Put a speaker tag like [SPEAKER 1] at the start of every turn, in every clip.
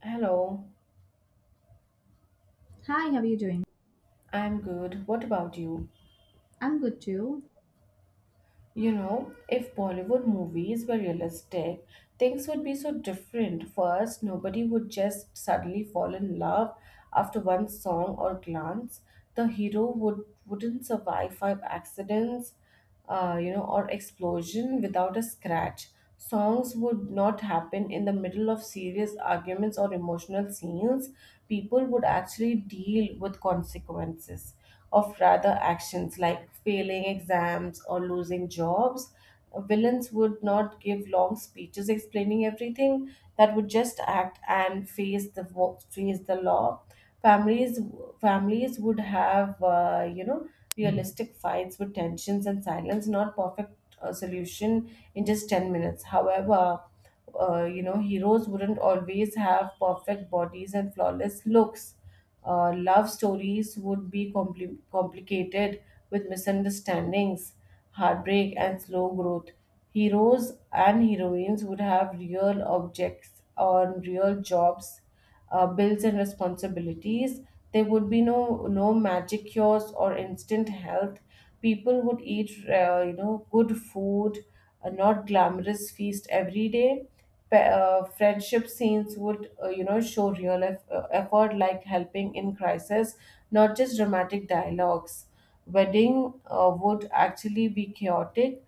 [SPEAKER 1] Hello,
[SPEAKER 2] Hi, how are you doing?
[SPEAKER 1] I'm good. What about you?
[SPEAKER 2] I'm good too.
[SPEAKER 1] You know, if Bollywood movies were realistic, things would be so different. First, nobody would just suddenly fall in love after one song or glance. The hero wouldn't survive five accidents, or explosion without a scratch. Songs would not happen in the middle of serious arguments or emotional scenes. People would actually deal with consequences. Of rather actions like failing exams or losing jobs. Villains would not give long speeches explaining everything, that would just act and face the face the law. Families Families would have realistic fights with tensions and silence, not perfect solution in just 10 minutes. However, heroes wouldn't always have perfect bodies and flawless looks. Love stories would be complicated with misunderstandings, heartbreak, and slow growth. Heroes and heroines would have real objects on real jobs, bills and responsibilities. There would be no magic cures or instant health. People would eat, good food, a not glamorous feast every day. Friendship scenes would, show real effort, like helping in crisis, not just dramatic dialogues. Wedding would actually be chaotic,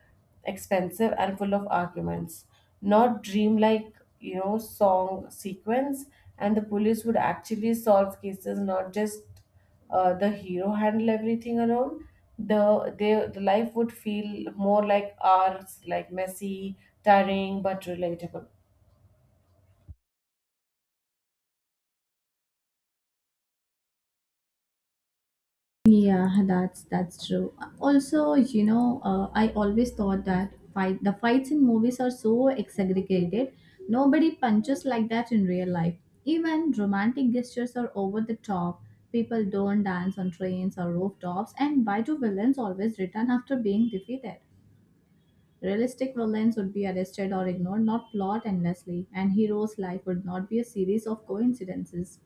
[SPEAKER 1] expensive, and full of arguments, not dreamlike, you know, song sequence. And the police would actually solve cases, not just the hero handle everything alone. The life would feel more like ours, like messy, tiring, but relatable.
[SPEAKER 2] Yeah, that's true. Also, you know, I always thought that fight the fights in movies are so exaggerated. Nobody punches like that in real life. Even romantic gestures are over the top. People don't dance on trains or rooftops, and why do villains always return after being defeated? Realistic villains would be arrested or ignored, not plot endlessly, and hero's life would not be a series of coincidences.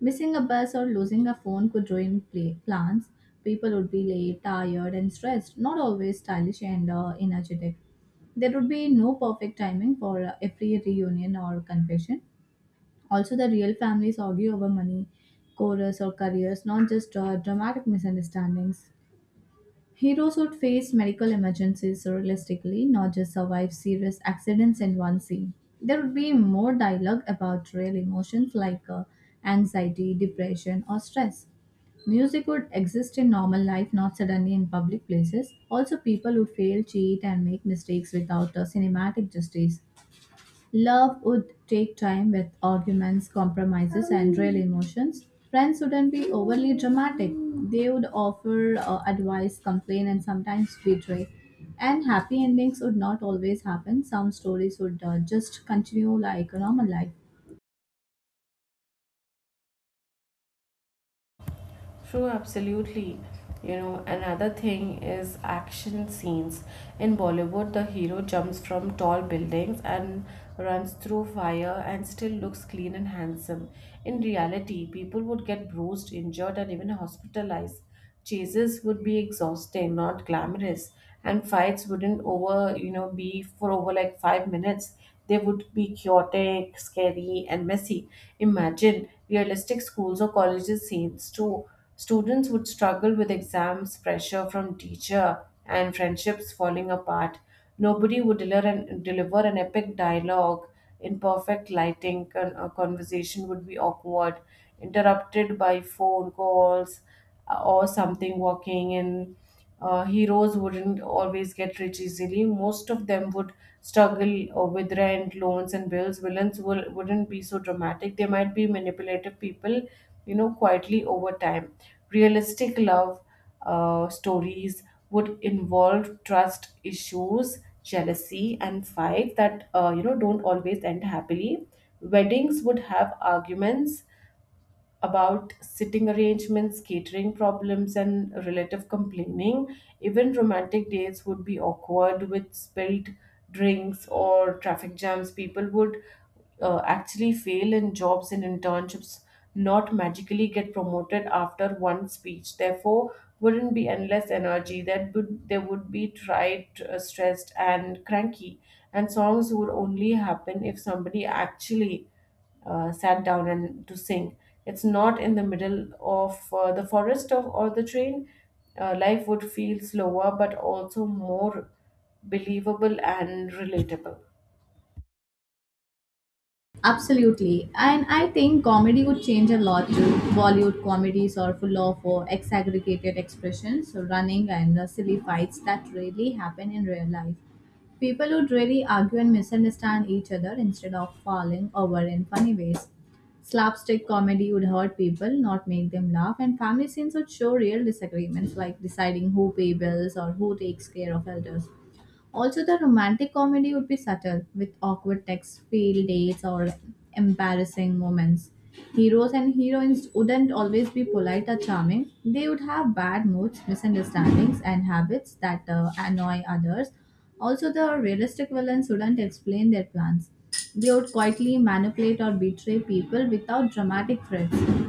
[SPEAKER 2] Missing a bus or losing a phone could ruin plans. People would be late, tired, and stressed, not always stylish and energetic. There would be no perfect timing for every reunion or confession. Also, the real families argue over money, chorus, or careers, not just dramatic misunderstandings. Heroes would face medical emergencies realistically, not just survive serious accidents in one scene. There would be more dialogue about real emotions like anxiety, depression, or stress. Music would exist in normal life, not suddenly in public places. Also, people would fail, cheat, and make mistakes without a cinematic justice. Love would take time with arguments, compromises, and real emotions. Friends wouldn't be overly dramatic. They would offer advice, complain, and sometimes betray. And happy endings would not always happen. Some stories would just continue like a normal life.
[SPEAKER 1] True, absolutely. You know, another thing is action scenes. In Bollywood, the hero jumps from tall buildings and runs through fire and still looks clean and handsome. In reality, people would get bruised, injured, and even hospitalized. Chases would be exhausting, not glamorous, and fights wouldn't over, you know, be for over like 5 minutes. They would be chaotic, scary, and messy. Imagine realistic schools or colleges scenes too. Students would struggle with exams, pressure from teacher, and friendships falling apart. Nobody would deliver an epic dialogue in perfect lighting. A conversation would be awkward, interrupted by phone calls or something working. And heroes wouldn't always get rich easily. Most of them would struggle with rent, loans, and bills. Wouldn't be so dramatic. They might be manipulative people, you know, quietly over time. Realistic love stories would involve trust issues, jealousy, and fight that, don't always end happily. Weddings would have arguments about sitting arrangements, catering problems, and relative complaining. Even romantic dates would be awkward with spilled drinks or traffic jams. People would actually fail in jobs and internships, not magically get promoted after one speech. Therefore, wouldn't be endless energy. That would they would be tried, stressed, and cranky. And songs would only happen if somebody actually sat down and to sing. It's not in the middle of the forest of, or the train. Life would feel slower, but also more believable and relatable.
[SPEAKER 2] Absolutely. And I think comedy would change a lot too. Bollywood comedies are full of exaggerated expressions, so running, and silly fights that rarely happen in real life. People would really argue and misunderstand each other instead of falling over in funny ways. Slapstick comedy would hurt people, not make them laugh, and family scenes would show real disagreements like deciding who pay bills or who takes care of elders. Also, the romantic comedy would be subtle, with awkward text, failed dates, or embarrassing moments. Heroes and heroines wouldn't always be polite or charming. They would have bad moods, misunderstandings, and habits that annoy others. Also, the realistic villains wouldn't explain their plans. They would quietly manipulate or betray people without dramatic threats.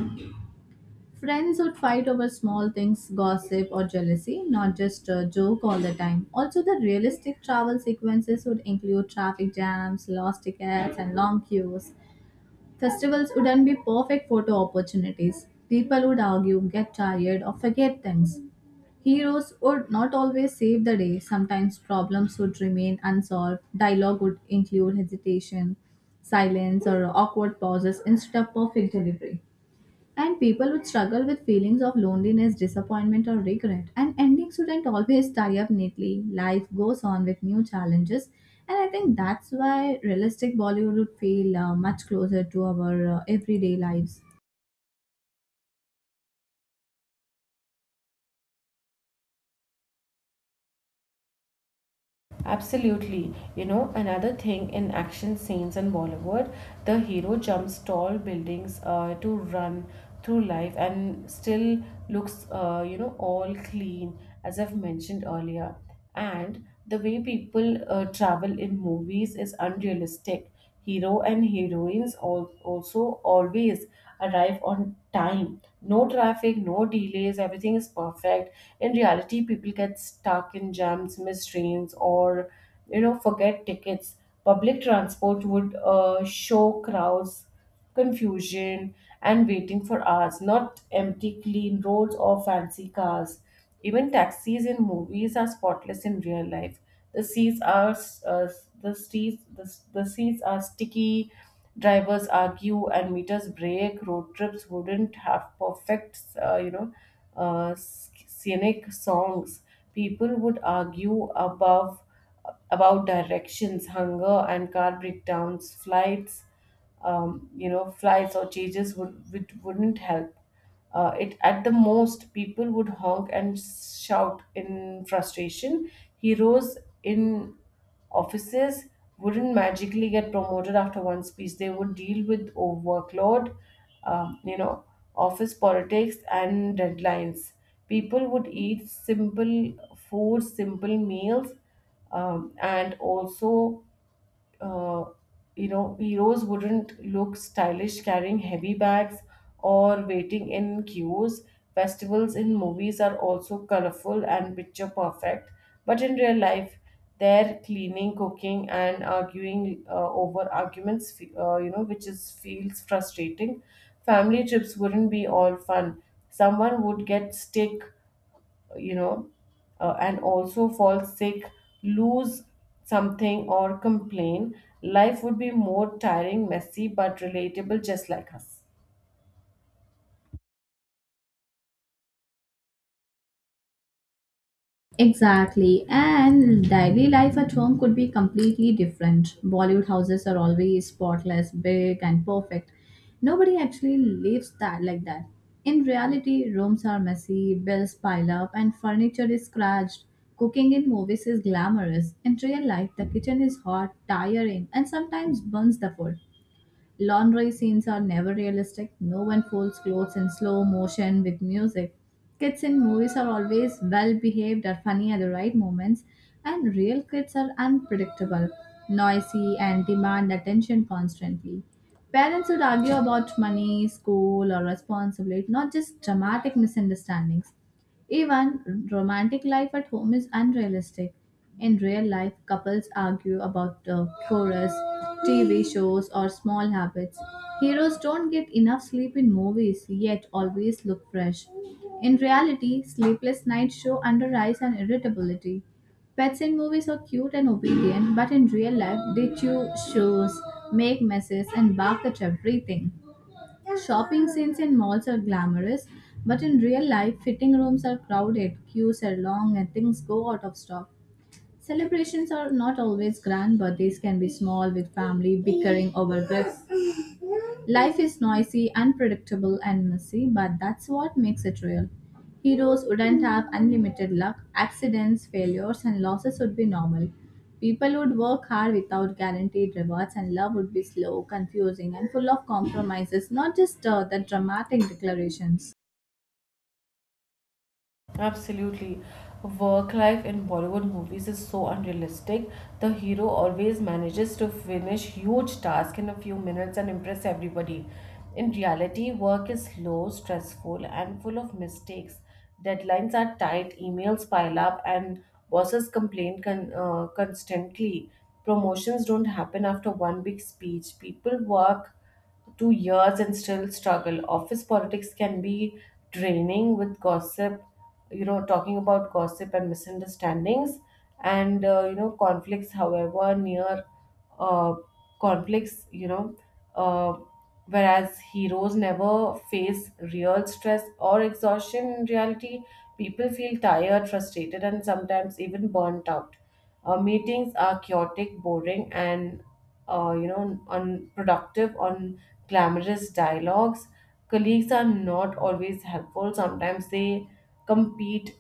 [SPEAKER 2] Friends would fight over small things, gossip, or jealousy, not just a joke all the time. Also, the realistic travel sequences would include traffic jams, lost tickets, and long queues. Festivals wouldn't be perfect photo opportunities. People would argue, get tired, or forget things. Heroes would not always save the day. Sometimes problems would remain unsolved. Dialogue would include hesitation, silence, or awkward pauses instead of perfect delivery. And people would struggle with feelings of loneliness, disappointment, or regret. And endings shouldn't always tie up neatly. Life goes on with new challenges. And I think that's why realistic Bollywood would feel much closer to our everyday lives.
[SPEAKER 1] Absolutely. You know, another thing in action scenes in Bollywood, the hero jumps tall buildings to run through life and still looks, all clean, as I've mentioned earlier. And the way people travel in movies is unrealistic. Hero and heroines al- also always arrive on time. No traffic, no delays, everything is perfect. In reality, people get stuck in jams, miss trains, or you know, forget tickets. Public transport would show crowds, confusion, and waiting for hours, not empty, clean roads or fancy cars. Even taxis in movies are spotless in real life. The seats are uh, the seats are sticky. Drivers argue and meters break. Road trips wouldn't have perfect, scenic songs. People would argue above about directions, hunger, and car breakdowns, flights, flights or changes wouldn't help. It at the most, people would honk and shout in frustration. Heroes in offices wouldn't magically get promoted after one speech. They would deal with overworkload, um, you know, office politics and deadlines. People would eat simple food, simple meals, and also uh, heroes wouldn't look stylish carrying heavy bags or waiting in queues. Festivals in movies are also colorful and picture perfect, but in real life they're cleaning, cooking, and arguing over arguments fe- you know which is feels frustrating. Family trips wouldn't be all fun. Someone would get sick, you know, and also fall sick, lose something, or complain. Life would be more tiring, messy, but relatable, just like us.
[SPEAKER 2] Exactly, and daily life at home could be completely different. Bollywood houses are always spotless, big, and perfect. Nobody actually lives that like that. In reality, rooms are messy, bills pile up, and furniture is scratched. Cooking in movies is glamorous. In real life, the kitchen is hot, tiring, and sometimes burns the food. Laundry scenes are never realistic. No one folds clothes in slow motion with music. Kids in movies are always well behaved or funny at the right moments, and real kids are unpredictable, noisy, and demand attention constantly. Parents would argue about money, school, or responsibility, not just dramatic misunderstandings. Even romantic life at home is unrealistic. In real life, couples argue about chores, TV shows, or small habits. Heroes don't get enough sleep in movies, yet always look fresh. In reality, sleepless nights show under eyes and irritability. Pets in movies are cute and obedient, but in real life, they chew shoes, make messes, and bark at everything. Shopping scenes in malls are glamorous, but in real life, fitting rooms are crowded, queues are long, and things go out of stock. Celebrations are not always grand, but these can be small with family bickering over gifts. Life is noisy, unpredictable, and messy, but that's what makes it real. Heroes wouldn't have unlimited luck, accidents, failures, and losses would be normal. People would work hard without guaranteed rewards, and love would be slow, confusing, and full of compromises, not just the dramatic declarations.
[SPEAKER 1] Absolutely. Work life in Bollywood movies is so unrealistic. The hero always manages to finish huge tasks in a few minutes and impress everybody. In reality, work is slow, stressful, and full of mistakes. Deadlines are tight, emails pile up, and bosses complain constantly. Promotions don't happen after one big speech. People work 2 years and still struggle. Office politics can be draining with gossip, you know, talking about gossip and misunderstandings, and conflicts, however, near uh, conflicts, you know, uh, whereas heroes never face real stress or exhaustion. In reality, people feel tired, frustrated, and sometimes even burnt out. Meetings are chaotic, boring, and unproductive on glamorous dialogues. Colleagues are not always helpful. Sometimes they compete,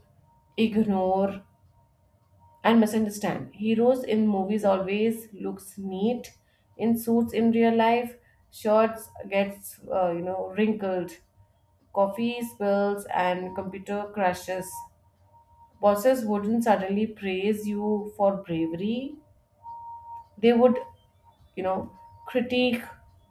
[SPEAKER 1] ignore, and misunderstand. Heroes in movies always looks neat in suits. In real life, shirts gets wrinkled, coffee spills, and computer crashes. Bosses wouldn't suddenly praise you for bravery. They would, you know, critique,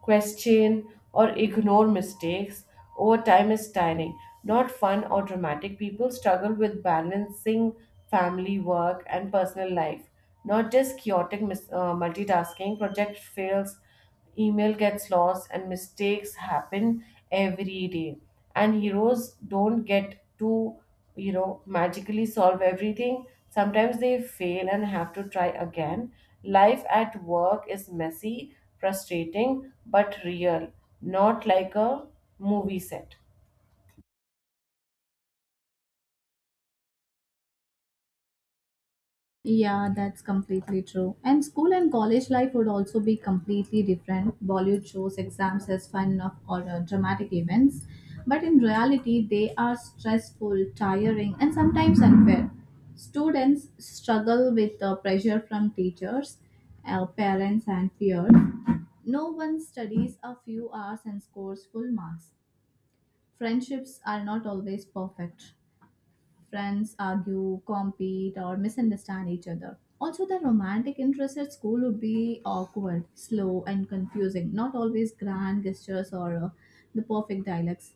[SPEAKER 1] question, or ignore mistakes over time. Is tiring, not fun or dramatic. People struggle with balancing family, work, and personal life, not just chaotic multitasking. Project fails, email gets lost, and mistakes happen every day. And heroes don't get to, you know, magically solve everything. Sometimes they fail and have to try again. Life at work is messy, frustrating, but real, not like a movie set.
[SPEAKER 2] Yeah, that's completely true. And school and college life would also be completely different. Bollywood shows exams as fun of, or dramatic events, but in reality, they are stressful, tiring, and sometimes unfair. Students struggle with the pressure from teachers, parents, and peers. No one studies a few hours and scores full marks. Friendships are not always perfect. Friends argue, compete, or misunderstand each other. Also, the romantic interest at school would be awkward, slow, and confusing, not always grand gestures or the perfect dialects.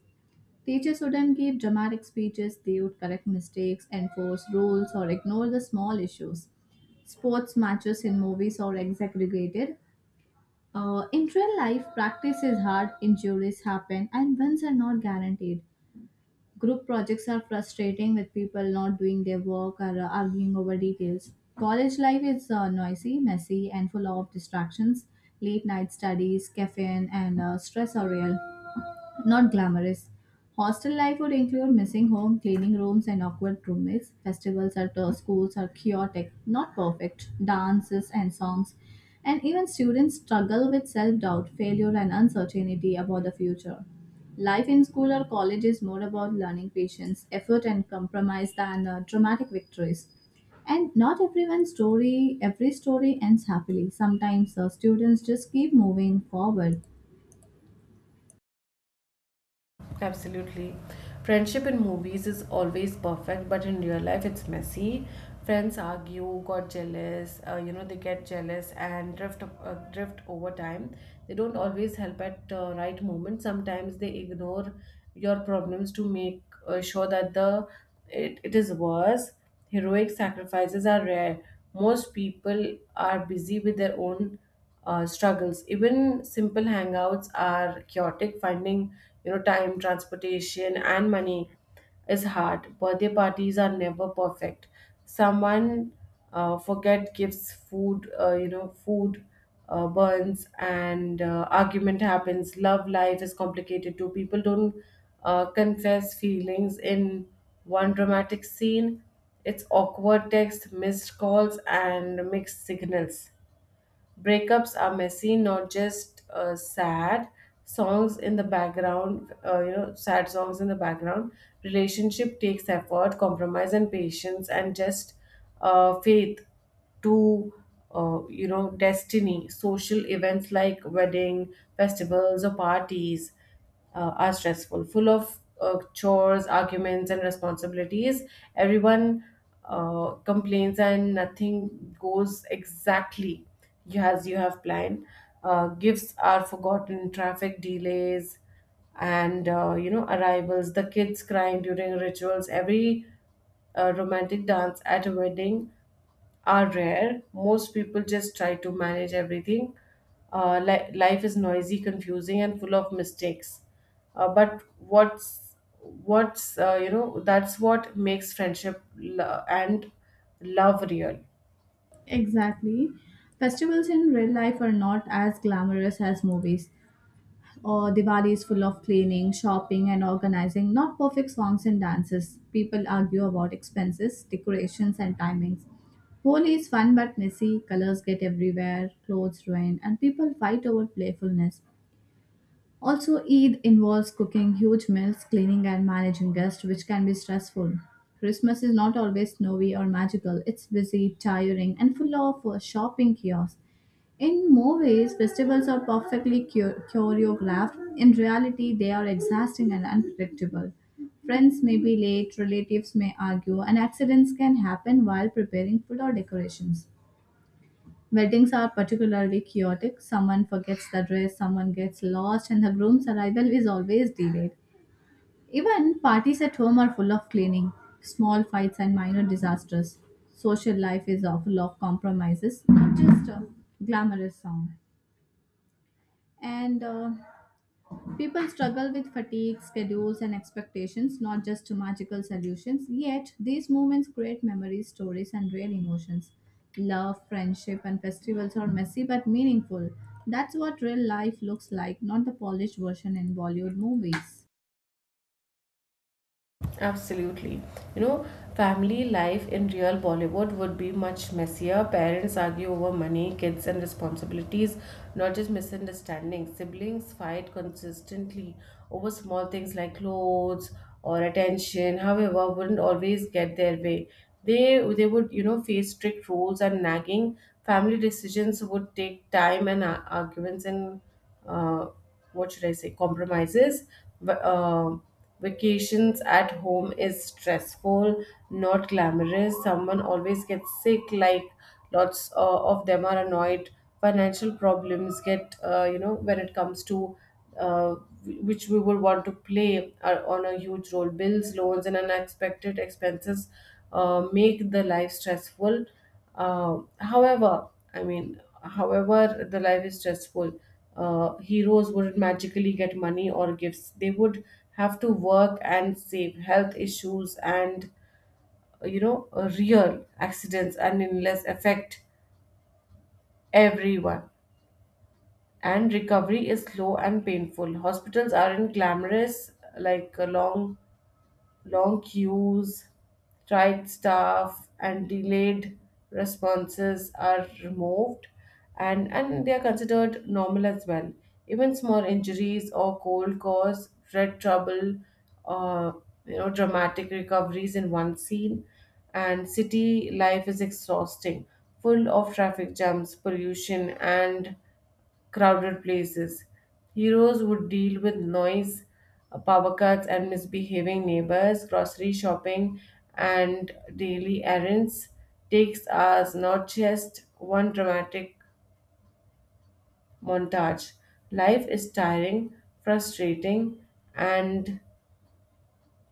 [SPEAKER 2] Teachers wouldn't give dramatic speeches, they would correct mistakes, enforce rules, or ignore the small issues. Sports matches in movies are exaggerated. In real life, practice is hard, injuries happen, and wins are not guaranteed. Group projects are frustrating with people not doing their work or arguing over details. College life is noisy, messy, and full of distractions. Late night studies, caffeine, and stress are real. Not glamorous. Hostel life would include missing home, cleaning rooms, and awkward roommates. Festivals at schools are chaotic, not perfect. Dances and songs. And even students struggle with self doubt, failure, and uncertainty about the future. Life in school or college is more about learning patience, effort, and compromise than dramatic victories. And not everyone's story, every story ends happily. Sometimes students just keep moving forward.
[SPEAKER 1] Absolutely. Friendship in movies is always perfect, but in real life it's messy. Friends argue, got jealous, they get jealous and drift over time. They don't always help at right moment. Sometimes they ignore your problems to make sure that it is worse. Heroic sacrifices are rare. Most people are busy with their own struggles. Even simple hangouts are chaotic. Finding, you know, time, transportation, and money is hard. Birthday parties are never perfect. Someone forget gifts, food, burns, and argument happens. Love life is complicated too. People don't confess feelings in one dramatic scene. It's awkward text, missed calls, and mixed signals. Breakups are messy, not just sad songs in the background, sad songs in the background. Relationship takes effort, compromise, and patience, and just faith to, destiny. Social events like wedding, festivals, or parties are stressful, full of chores, arguments, and responsibilities. Everyone complains, and nothing goes exactly as you have planned. Gifts are forgotten, traffic delays, and arrivals. The kids crying during rituals. Every romantic dance at a wedding are rare. Most people just try to manage everything. Life is noisy, confusing, and full of mistakes. But what's that's what makes friendship and love real.
[SPEAKER 2] Exactly. Festivals in real life are not as glamorous as movies. Or Diwali is full of cleaning, shopping, and organizing, not perfect songs and dances. People argue about expenses, decorations, and timings. Holi is fun but messy, colors get everywhere, clothes ruin, and people fight over playfulness. Also, Eid involves cooking huge meals, cleaning, and managing guests, which can be stressful. Christmas is not always snowy or magical, it's busy, tiring, and full of shopping chaos. In more ways, festivals are perfectly choreographed. In reality, they are exhausting and unpredictable. Friends may be late, relatives may argue, and accidents can happen while preparing food or decorations. Weddings are particularly chaotic. Someone forgets the dress, someone gets lost, and the groom's arrival is always delayed. Even parties at home are full of cleaning, small fights, and minor disasters. Social life is full of compromises, not just glamorous sound. And People struggle with fatigue, schedules, and expectations, not just magical solutions. Yet, these moments create memories, stories, and real emotions. Love, friendship, and festivals are messy but meaningful. That's what real life looks like, not the polished version in Bollywood movies.
[SPEAKER 1] Absolutely. You know, family life in real Bollywood would be much messier. Parents argue over money, kids, and responsibilities, not just misunderstandings. Siblings fight consistently over small things like clothes or attention. However, wouldn't always get their way. They would, you know, face strict rules and nagging. Family decisions would take time and arguments and uh, what should I say, compromises. Va- um Vacations at home is stressful, not glamorous. Someone always gets sick, like lots of them are annoyed. Financial problems get, when it comes to uh, which we would want to play are on a huge role. Bills, loans, and unexpected expenses make the life stressful. However, the life is stressful. Heroes wouldn't magically get money or gifts. They would have to work and save. Health issues and real accidents and illness affect everyone. And recovery is slow and painful. Hospitals aren't glamorous, like a long queues, tried staff, and delayed responses are removed, and they are considered normal as well. Even small injuries or cold cause, red trouble, uh, dramatic recoveries in one scene. And city life is exhausting, full of traffic jams, pollution, and crowded places. Heroes would deal with noise, power cuts, and misbehaving neighbors. Grocery shopping and daily errands takes us, not just one dramatic montage. Life is tiring, frustrating, and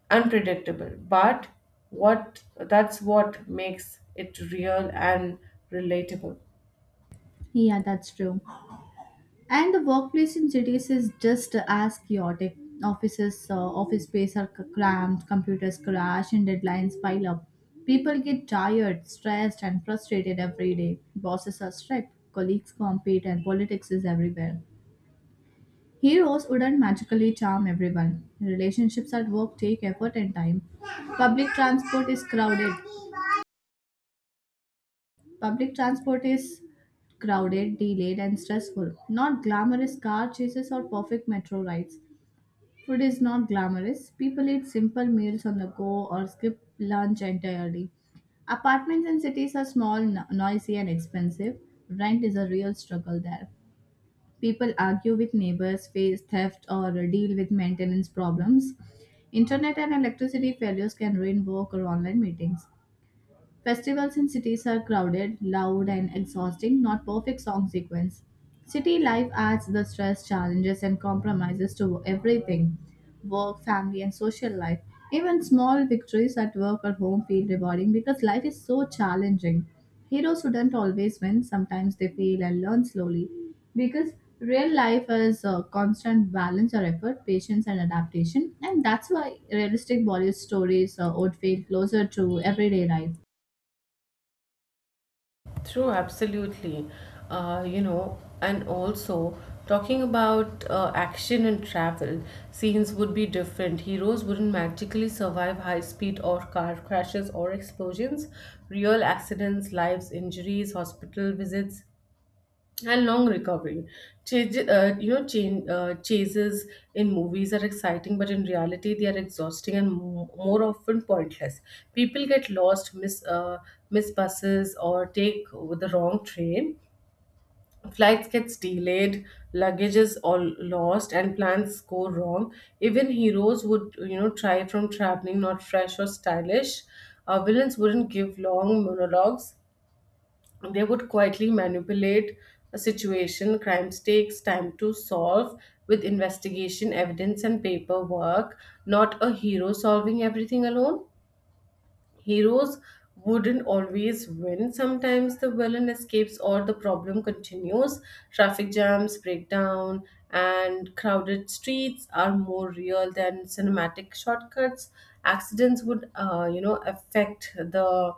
[SPEAKER 1] unpredictable, but what that's what makes it real and relatable.
[SPEAKER 2] Yeah, that's true. And the workplace in cities is just as chaotic. Offices, office space are cramped, computers crash, and deadlines pile up. People get tired, stressed, and frustrated every day. Bosses are strict, colleagues compete, and politics is everywhere. Heroes wouldn't magically charm everyone. Relationships at work take effort and time. Public transport is crowded. Public transport is crowded, delayed, and stressful. Not glamorous car chases or perfect metro rides. Food is not glamorous. People eat simple meals on the go or skip lunch entirely. Apartments in cities are small, noisy, and expensive. Rent is a real struggle there. People argue with neighbors, face theft, or deal with maintenance problems. Internet and electricity failures can ruin work or online meetings. Festivals in cities are crowded, loud, and exhausting, not perfect song sequence. City life adds the stress, challenges, and compromises to everything: work, family, and social life. Even small victories at work or home feel rewarding because life is so challenging. Heroes shouldn't always win, sometimes they fail and learn slowly because real life is a constant balance or effort, patience, and adaptation, and that's why realistic Bollywood stories would feel closer to everyday life.
[SPEAKER 1] True, absolutely. And also talking about action and travel, scenes would be different. Heroes wouldn't magically survive high speed or car crashes or explosions. Real accidents, lives, injuries, hospital visits, and long recovery. Chases in movies are exciting, but in reality, they are exhausting and more often pointless. People get lost, miss buses, or take the wrong train. Flights gets delayed, luggage is all lost, and plans go wrong. Even heroes would, try from traveling not fresh or stylish. Villains wouldn't give long monologues, they would quietly manipulate a situation. Crime takes time to solve with investigation, evidence, and paperwork, not a hero solving everything alone. Heroes wouldn't always win, sometimes the villain escapes or the problem continues. Traffic jams, breakdown, and crowded streets are more real than cinematic shortcuts. Accidents would affect the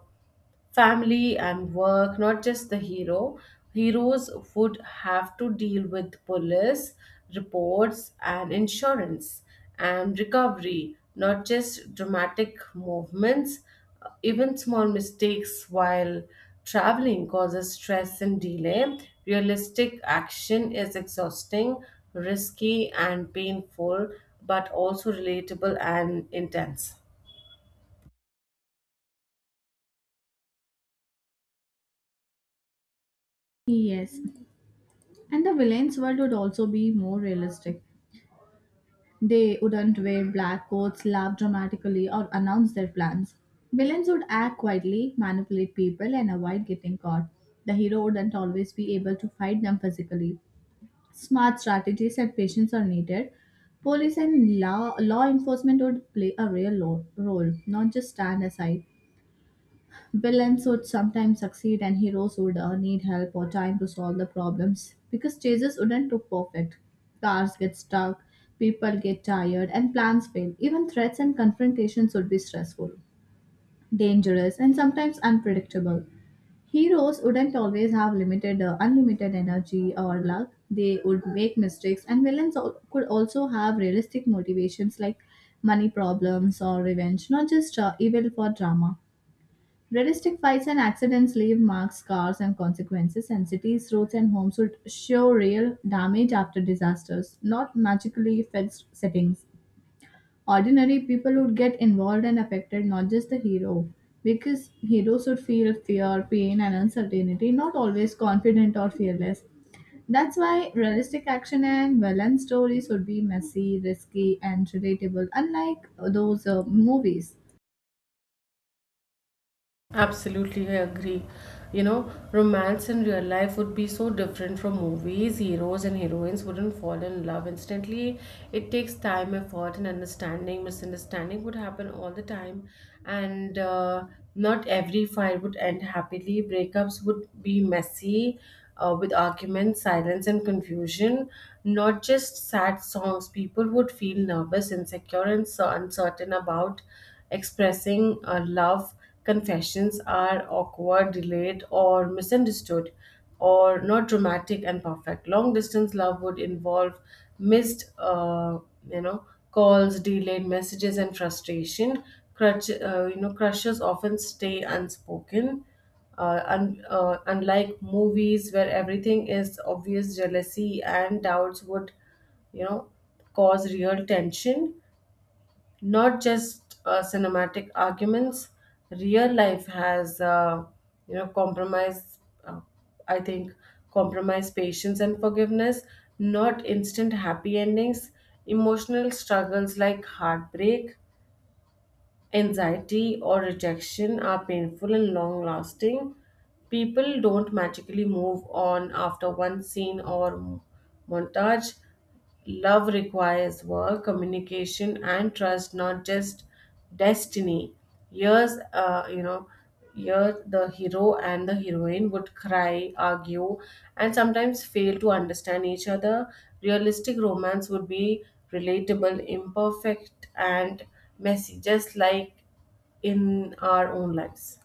[SPEAKER 1] family and work, not just the hero. Heroes would have to deal with police, reports, and insurance and recovery, not just dramatic movements. Even small mistakes while traveling causes stress and delay. Realistic action is exhausting, risky, and painful, but also relatable and intense.
[SPEAKER 2] Yes, and the villain's world would also be more realistic. They wouldn't wear black coats, laugh dramatically, or announce their plans. Villains would act quietly, manipulate people, and avoid getting caught. The hero wouldn't always be able to fight them physically. Smart strategies and patience are needed. Police and law enforcement would play a real role, not just stand aside. Villains would sometimes succeed and heroes would need help or time to solve the problems because chases wouldn't look perfect. Cars get stuck, people get tired, and plans fail. Even threats and confrontations would be stressful, dangerous, and sometimes unpredictable. Heroes wouldn't always have unlimited energy or luck. They would make mistakes, and villains could also have realistic motivations like money problems or revenge, not just evil for drama. Realistic fights and accidents leave marks, scars, and consequences, and cities, roads, and homes would show real damage after disasters, not magically fixed settings. Ordinary people would get involved and affected, not just the hero, because heroes would feel fear, pain, and uncertainty, not always confident or fearless. That's why realistic action and violent stories would be messy, risky, and relatable, unlike those movies.
[SPEAKER 1] Absolutely, I agree. You know, romance in real life would be so different from movies. Heroes and heroines wouldn't fall in love instantly. It takes time, effort, and understanding. Misunderstanding would happen all the time, and not every fight would end happily. Breakups would be messy, with arguments, silence, and confusion. Not just sad songs. People would feel nervous, insecure, and so uncertain about expressing love. Confessions are awkward, delayed, or misunderstood, or not dramatic and perfect. Long distance love would involve missed, uh, calls, delayed messages, and frustration. Crushes often stay unspoken. Unlike movies where everything is obvious, jealousy and doubts would, you know, cause real tension, not just cinematic arguments. Real life has compromise. uh, I think compromise, patience, and forgiveness, not instant happy endings. Emotional struggles like heartbreak, anxiety, or rejection are painful and long lasting. People don't magically move on after one scene or montage. Love requires work, communication, and trust, not just destiny. Years, uh, you know, here, the hero and the heroine would cry, argue, and sometimes fail to understand each other. Realistic romance would be relatable, imperfect, and messy, just like in our own lives.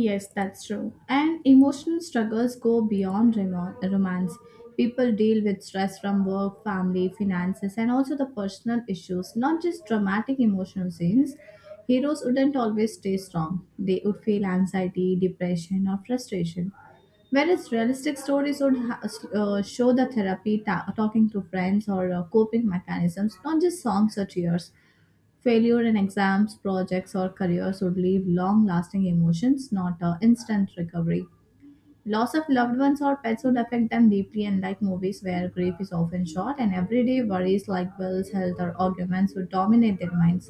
[SPEAKER 2] Yes, that's true. And emotional struggles go beyond romance. People deal with stress from work, family, finances, and also the personal issues, not just dramatic emotional scenes. Heroes wouldn't always stay strong, they would feel anxiety, depression, or frustration. Whereas realistic stories would show the therapy, talking to friends, or coping mechanisms, not just songs or tears. Failure in exams, projects, or careers would leave long lasting emotions, not a instant recovery. Loss of loved ones or pets would affect them deeply, unlike movies where grief is often short and everyday worries like bills, health, or arguments would dominate their minds.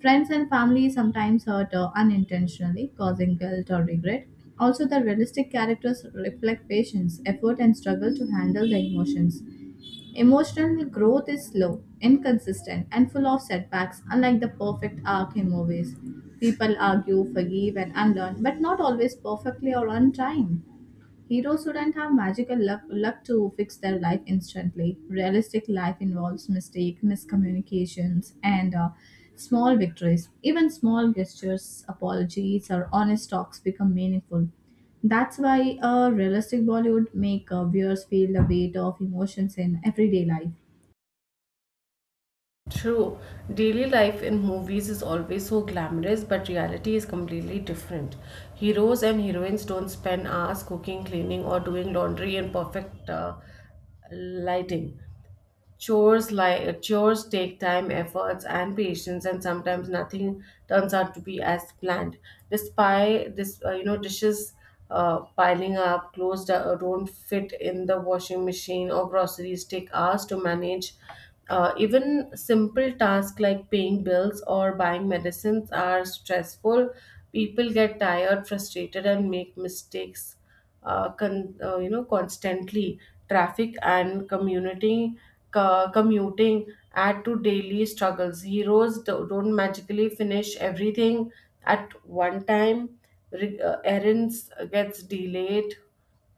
[SPEAKER 2] Friends and family sometimes hurt unintentionally, causing guilt or regret. Also, the realistic characters reflect patience, effort, and struggle to handle the emotions. Emotional growth is slow, inconsistent, and full of setbacks, unlike the perfect arc in movies. People argue, forgive, and unlearn, but not always perfectly or on time. Heroes shouldn't have magical luck, luck to fix their life instantly. Realistic life involves mistake, miscommunications, and small victories. Even small gestures, apologies, or honest talks become meaningful. That's why a realistic Bollywood make viewers feel the weight of emotions in everyday life.
[SPEAKER 1] True, daily life in movies is always so glamorous, but reality is completely different. Heroes and heroines don't spend hours cooking, cleaning, or doing laundry in perfect lighting. Chores take time, efforts, and patience, and sometimes nothing turns out to be as planned. Despite this, dishes piling up, clothes don't fit in the washing machine, or groceries take hours to manage. Even simple tasks like paying bills or buying medicines are stressful. People get tired, frustrated, and make mistakes constantly. Traffic and community commuting add to daily struggles. Heroes don't magically finish everything at one time. Errands gets delayed,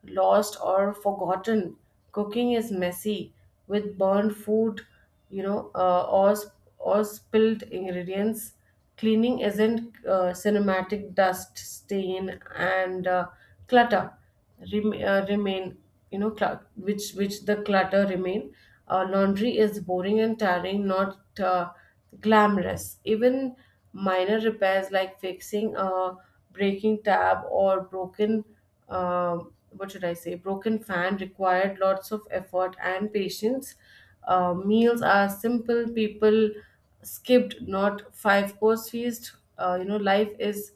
[SPEAKER 1] lost, or forgotten. Cooking is messy with burned food, or, or spilled ingredients. Cleaning isn't cinematic. Dust, stain, and clutter remain, which the clutter remain. Laundry is boring and tiring, not glamorous. Even minor repairs like fixing a breaking tab or broken what should I say, broken fan required lots of effort and patience. Meals are simple, people skipped, not five course feast. Life is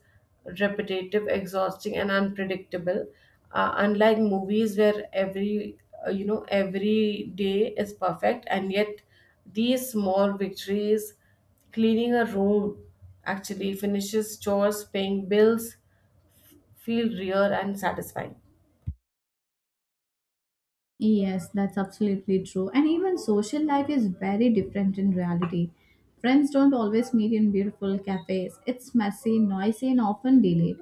[SPEAKER 1] repetitive, exhausting, and unpredictable. Unlike movies where every every day is perfect, and yet these small victories, cleaning a room, actually finishes chores, paying bills, feel real and satisfying.
[SPEAKER 2] Yes, that's absolutely true. And even social life is very different in reality. Friends don't always meet in beautiful cafes. It's messy, noisy, and often delayed.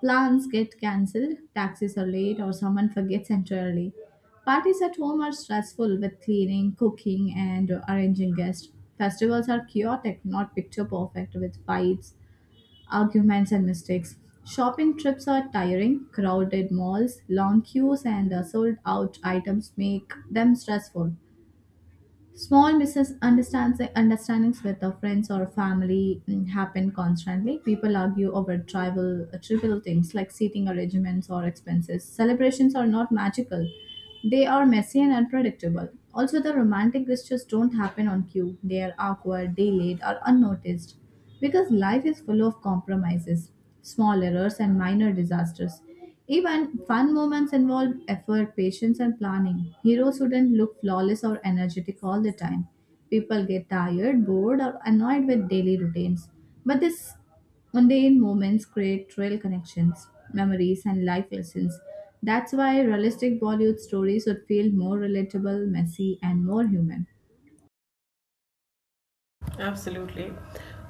[SPEAKER 2] Plans get cancelled, taxis are late, or someone forgets entirely. Parties at home are stressful with cleaning, cooking, and arranging guests. Festivals are chaotic, not picture perfect, with fights, arguments, and mistakes. Shopping trips are tiring, crowded malls, long queues, and sold out items make them stressful. Small misunderstands understandings with our friends or family happen constantly. People argue over trivial things like seating arrangements or expenses. Celebrations are not magical; they are messy and unpredictable. Also, the romantic gestures don't happen on cue. They are awkward, delayed, or unnoticed because life is full of compromises, small errors, and minor disasters. Even fun moments involve effort, patience, and planning. Heroes shouldn't look flawless or energetic all the time. People get tired, bored, or annoyed with daily routines. But these mundane moments create real connections, memories, and life lessons. That's why realistic Bollywood stories would feel more relatable, messy, and more human.
[SPEAKER 1] Absolutely.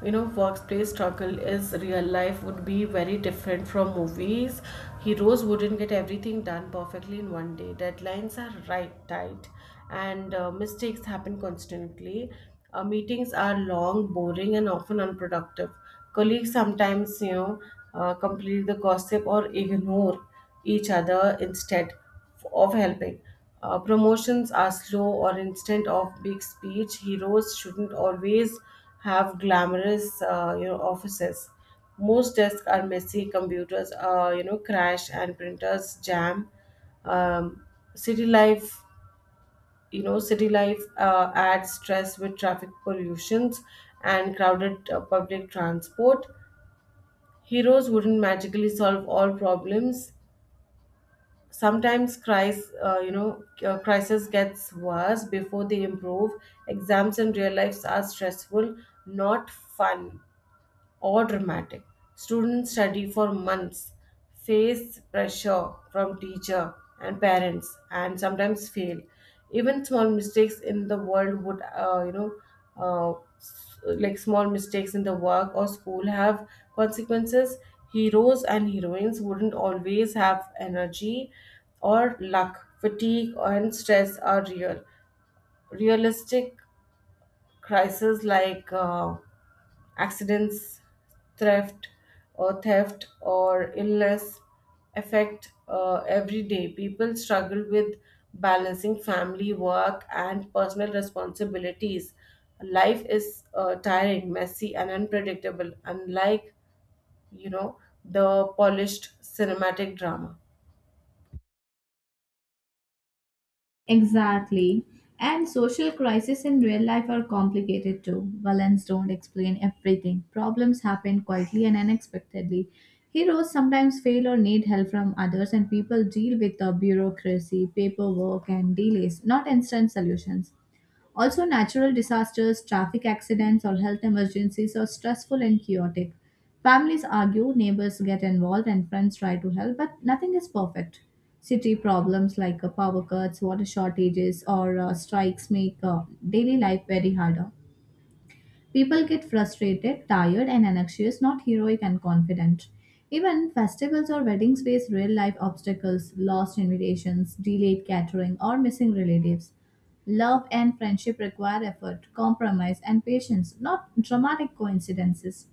[SPEAKER 1] You know, workplace struggle is real life would be very different from movies. Heroes wouldn't get everything done perfectly in one day. Deadlines are right tight, and mistakes happen constantly. Meetings are long, boring, and often unproductive. Colleagues sometimes, complete the gossip or ignore each other instead of helping. Promotions are slow or instant of big speech. Heroes shouldn't always have glamorous, offices. Most desks are messy. Computers, crash, and printers jam. Um, City life, city life adds stress with traffic, pollutions, and crowded public transport. Heroes wouldn't magically solve all problems. Sometimes crisis gets worse before they improve. Exams and real lives are stressful, not fun or dramatic. Students study for months, face pressure from teacher and parents, and sometimes fail. Even small mistakes in the world would, like small mistakes in the work or school have consequences. Heroes and heroines wouldn't always have energy or luck. Fatigue and stress are real. Realistic crises like accidents, theft, theft or illness affect every day. People struggle with balancing family, work, and personal responsibilities. Life is tiring, messy, and unpredictable, unlike you know the polished cinematic drama.
[SPEAKER 2] Exactly. And social crises in real life are complicated too. Villains don't explain everything. Problems happen quietly and unexpectedly. Heroes sometimes fail or need help from others, and people deal with the bureaucracy, paperwork, and delays, not instant solutions. Also, natural disasters, traffic accidents, or health emergencies are stressful and chaotic. Families argue, neighbors get involved, and friends try to help, but nothing is perfect. City problems like power cuts, water shortages, or strikes make daily life very harder. People get frustrated, tired, and anxious, not heroic and confident. Even festivals or weddings face real life obstacles, lost invitations, delayed catering, or missing relatives. Love and friendship require effort, compromise, and patience, not dramatic coincidences.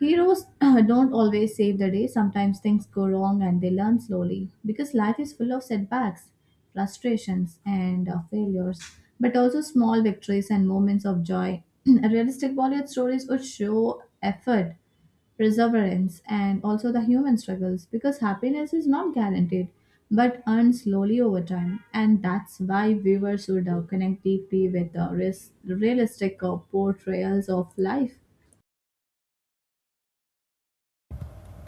[SPEAKER 2] Heroes don't always save the day. Sometimes things go wrong and they learn slowly because life is full of setbacks, frustrations, and failures, but also small victories and moments of joy. Realistic Bollywood stories would show effort, perseverance, and also the human struggles because happiness is not guaranteed but earned slowly over time. And that's why viewers would connect deeply with the realistic portrayals of life.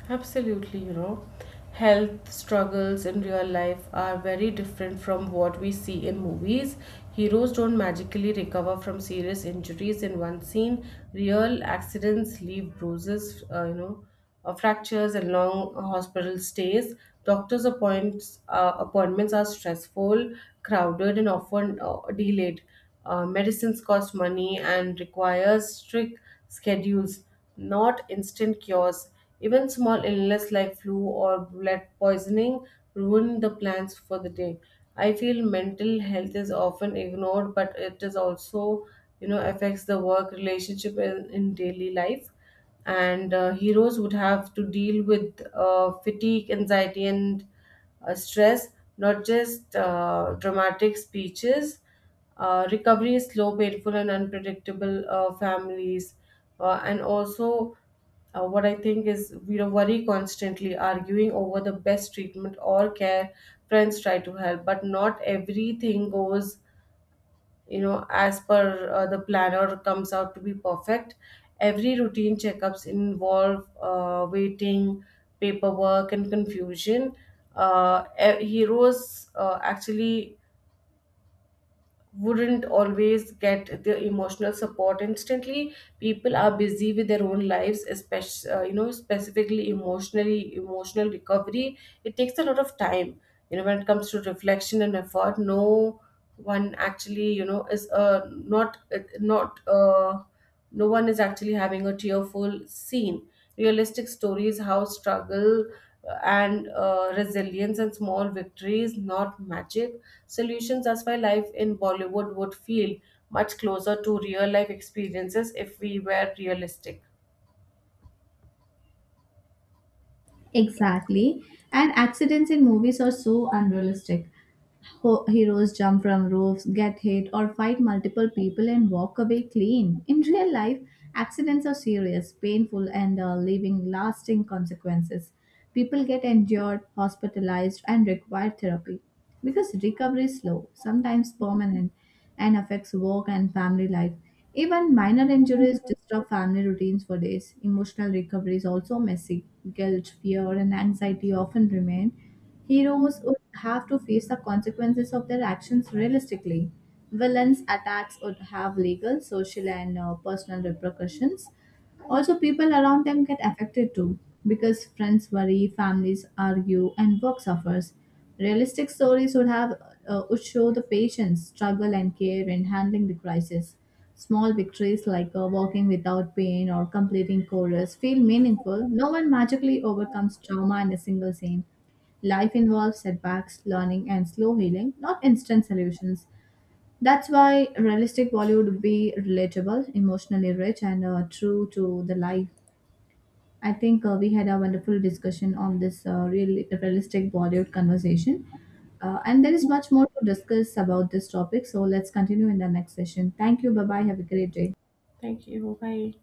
[SPEAKER 1] Absolutely, you know, health struggles in real life are very different from what we see in movies. Heroes don't magically recover from serious injuries in one scene. Real accidents leave bruises, fractures, and long hospital stays. Appointments are stressful, crowded, and often delayed. Medicines cost money and requires strict schedules, not instant cures. Even small illness like flu or blood poisoning ruin the plans for the day. I feel mental health is often ignored, but it is also, affects the work relationship in daily life. And heroes would have to deal with fatigue, anxiety, and stress, not just dramatic speeches. Recovery is slow, painful, and unpredictable. Families, and also what I think is you know worry constantly, arguing over the best treatment or care. Friends try to help, but not everything goes as per the plan or comes out to be perfect. Every routine checkups involve waiting, paperwork, and confusion. Uh, Heroes actually wouldn't always get the emotional support instantly. People are busy with their own lives, especially specifically emotional recovery. It takes a lot of time, when it comes to reflection and effort. No one actually you know is not not No one is actually having a tearful scene. Realistic stories, how struggle and resilience and small victories, not magic solutions. That's why life in Bollywood would feel much closer to real life experiences if we were realistic.
[SPEAKER 2] Exactly. And accidents in movies are so unrealistic. Heroes jump from roofs, get hit, or fight multiple people and walk away clean. In real life, accidents are serious, painful, and leaving lasting consequences. People get injured, hospitalized, and require therapy because recovery is slow, sometimes permanent, and affects work and family life. Even minor injuries disrupt family routines for days. Emotional recovery is also messy. Guilt, fear, and anxiety often remain. Heroes would have to face the consequences of their actions realistically. Villains' attacks would have legal, social, and personal repercussions. Also, people around them get affected too because friends worry, families argue, and work suffers. Realistic stories would have would show the patient's struggle and care in handling the crisis. Small victories like walking without pain or completing chorus feel meaningful. No one magically overcomes trauma in a single scene. Life involves setbacks, learning, and slow healing, not instant solutions. That's why realistic Bollywood would be relatable, emotionally rich, and true to the life. I think we had a wonderful discussion on this realistic Bollywood conversation, and there is much more to discuss about this topic. So let's continue in the next session. Thank you. Bye bye. Have a great day.
[SPEAKER 1] Thank you. Bye.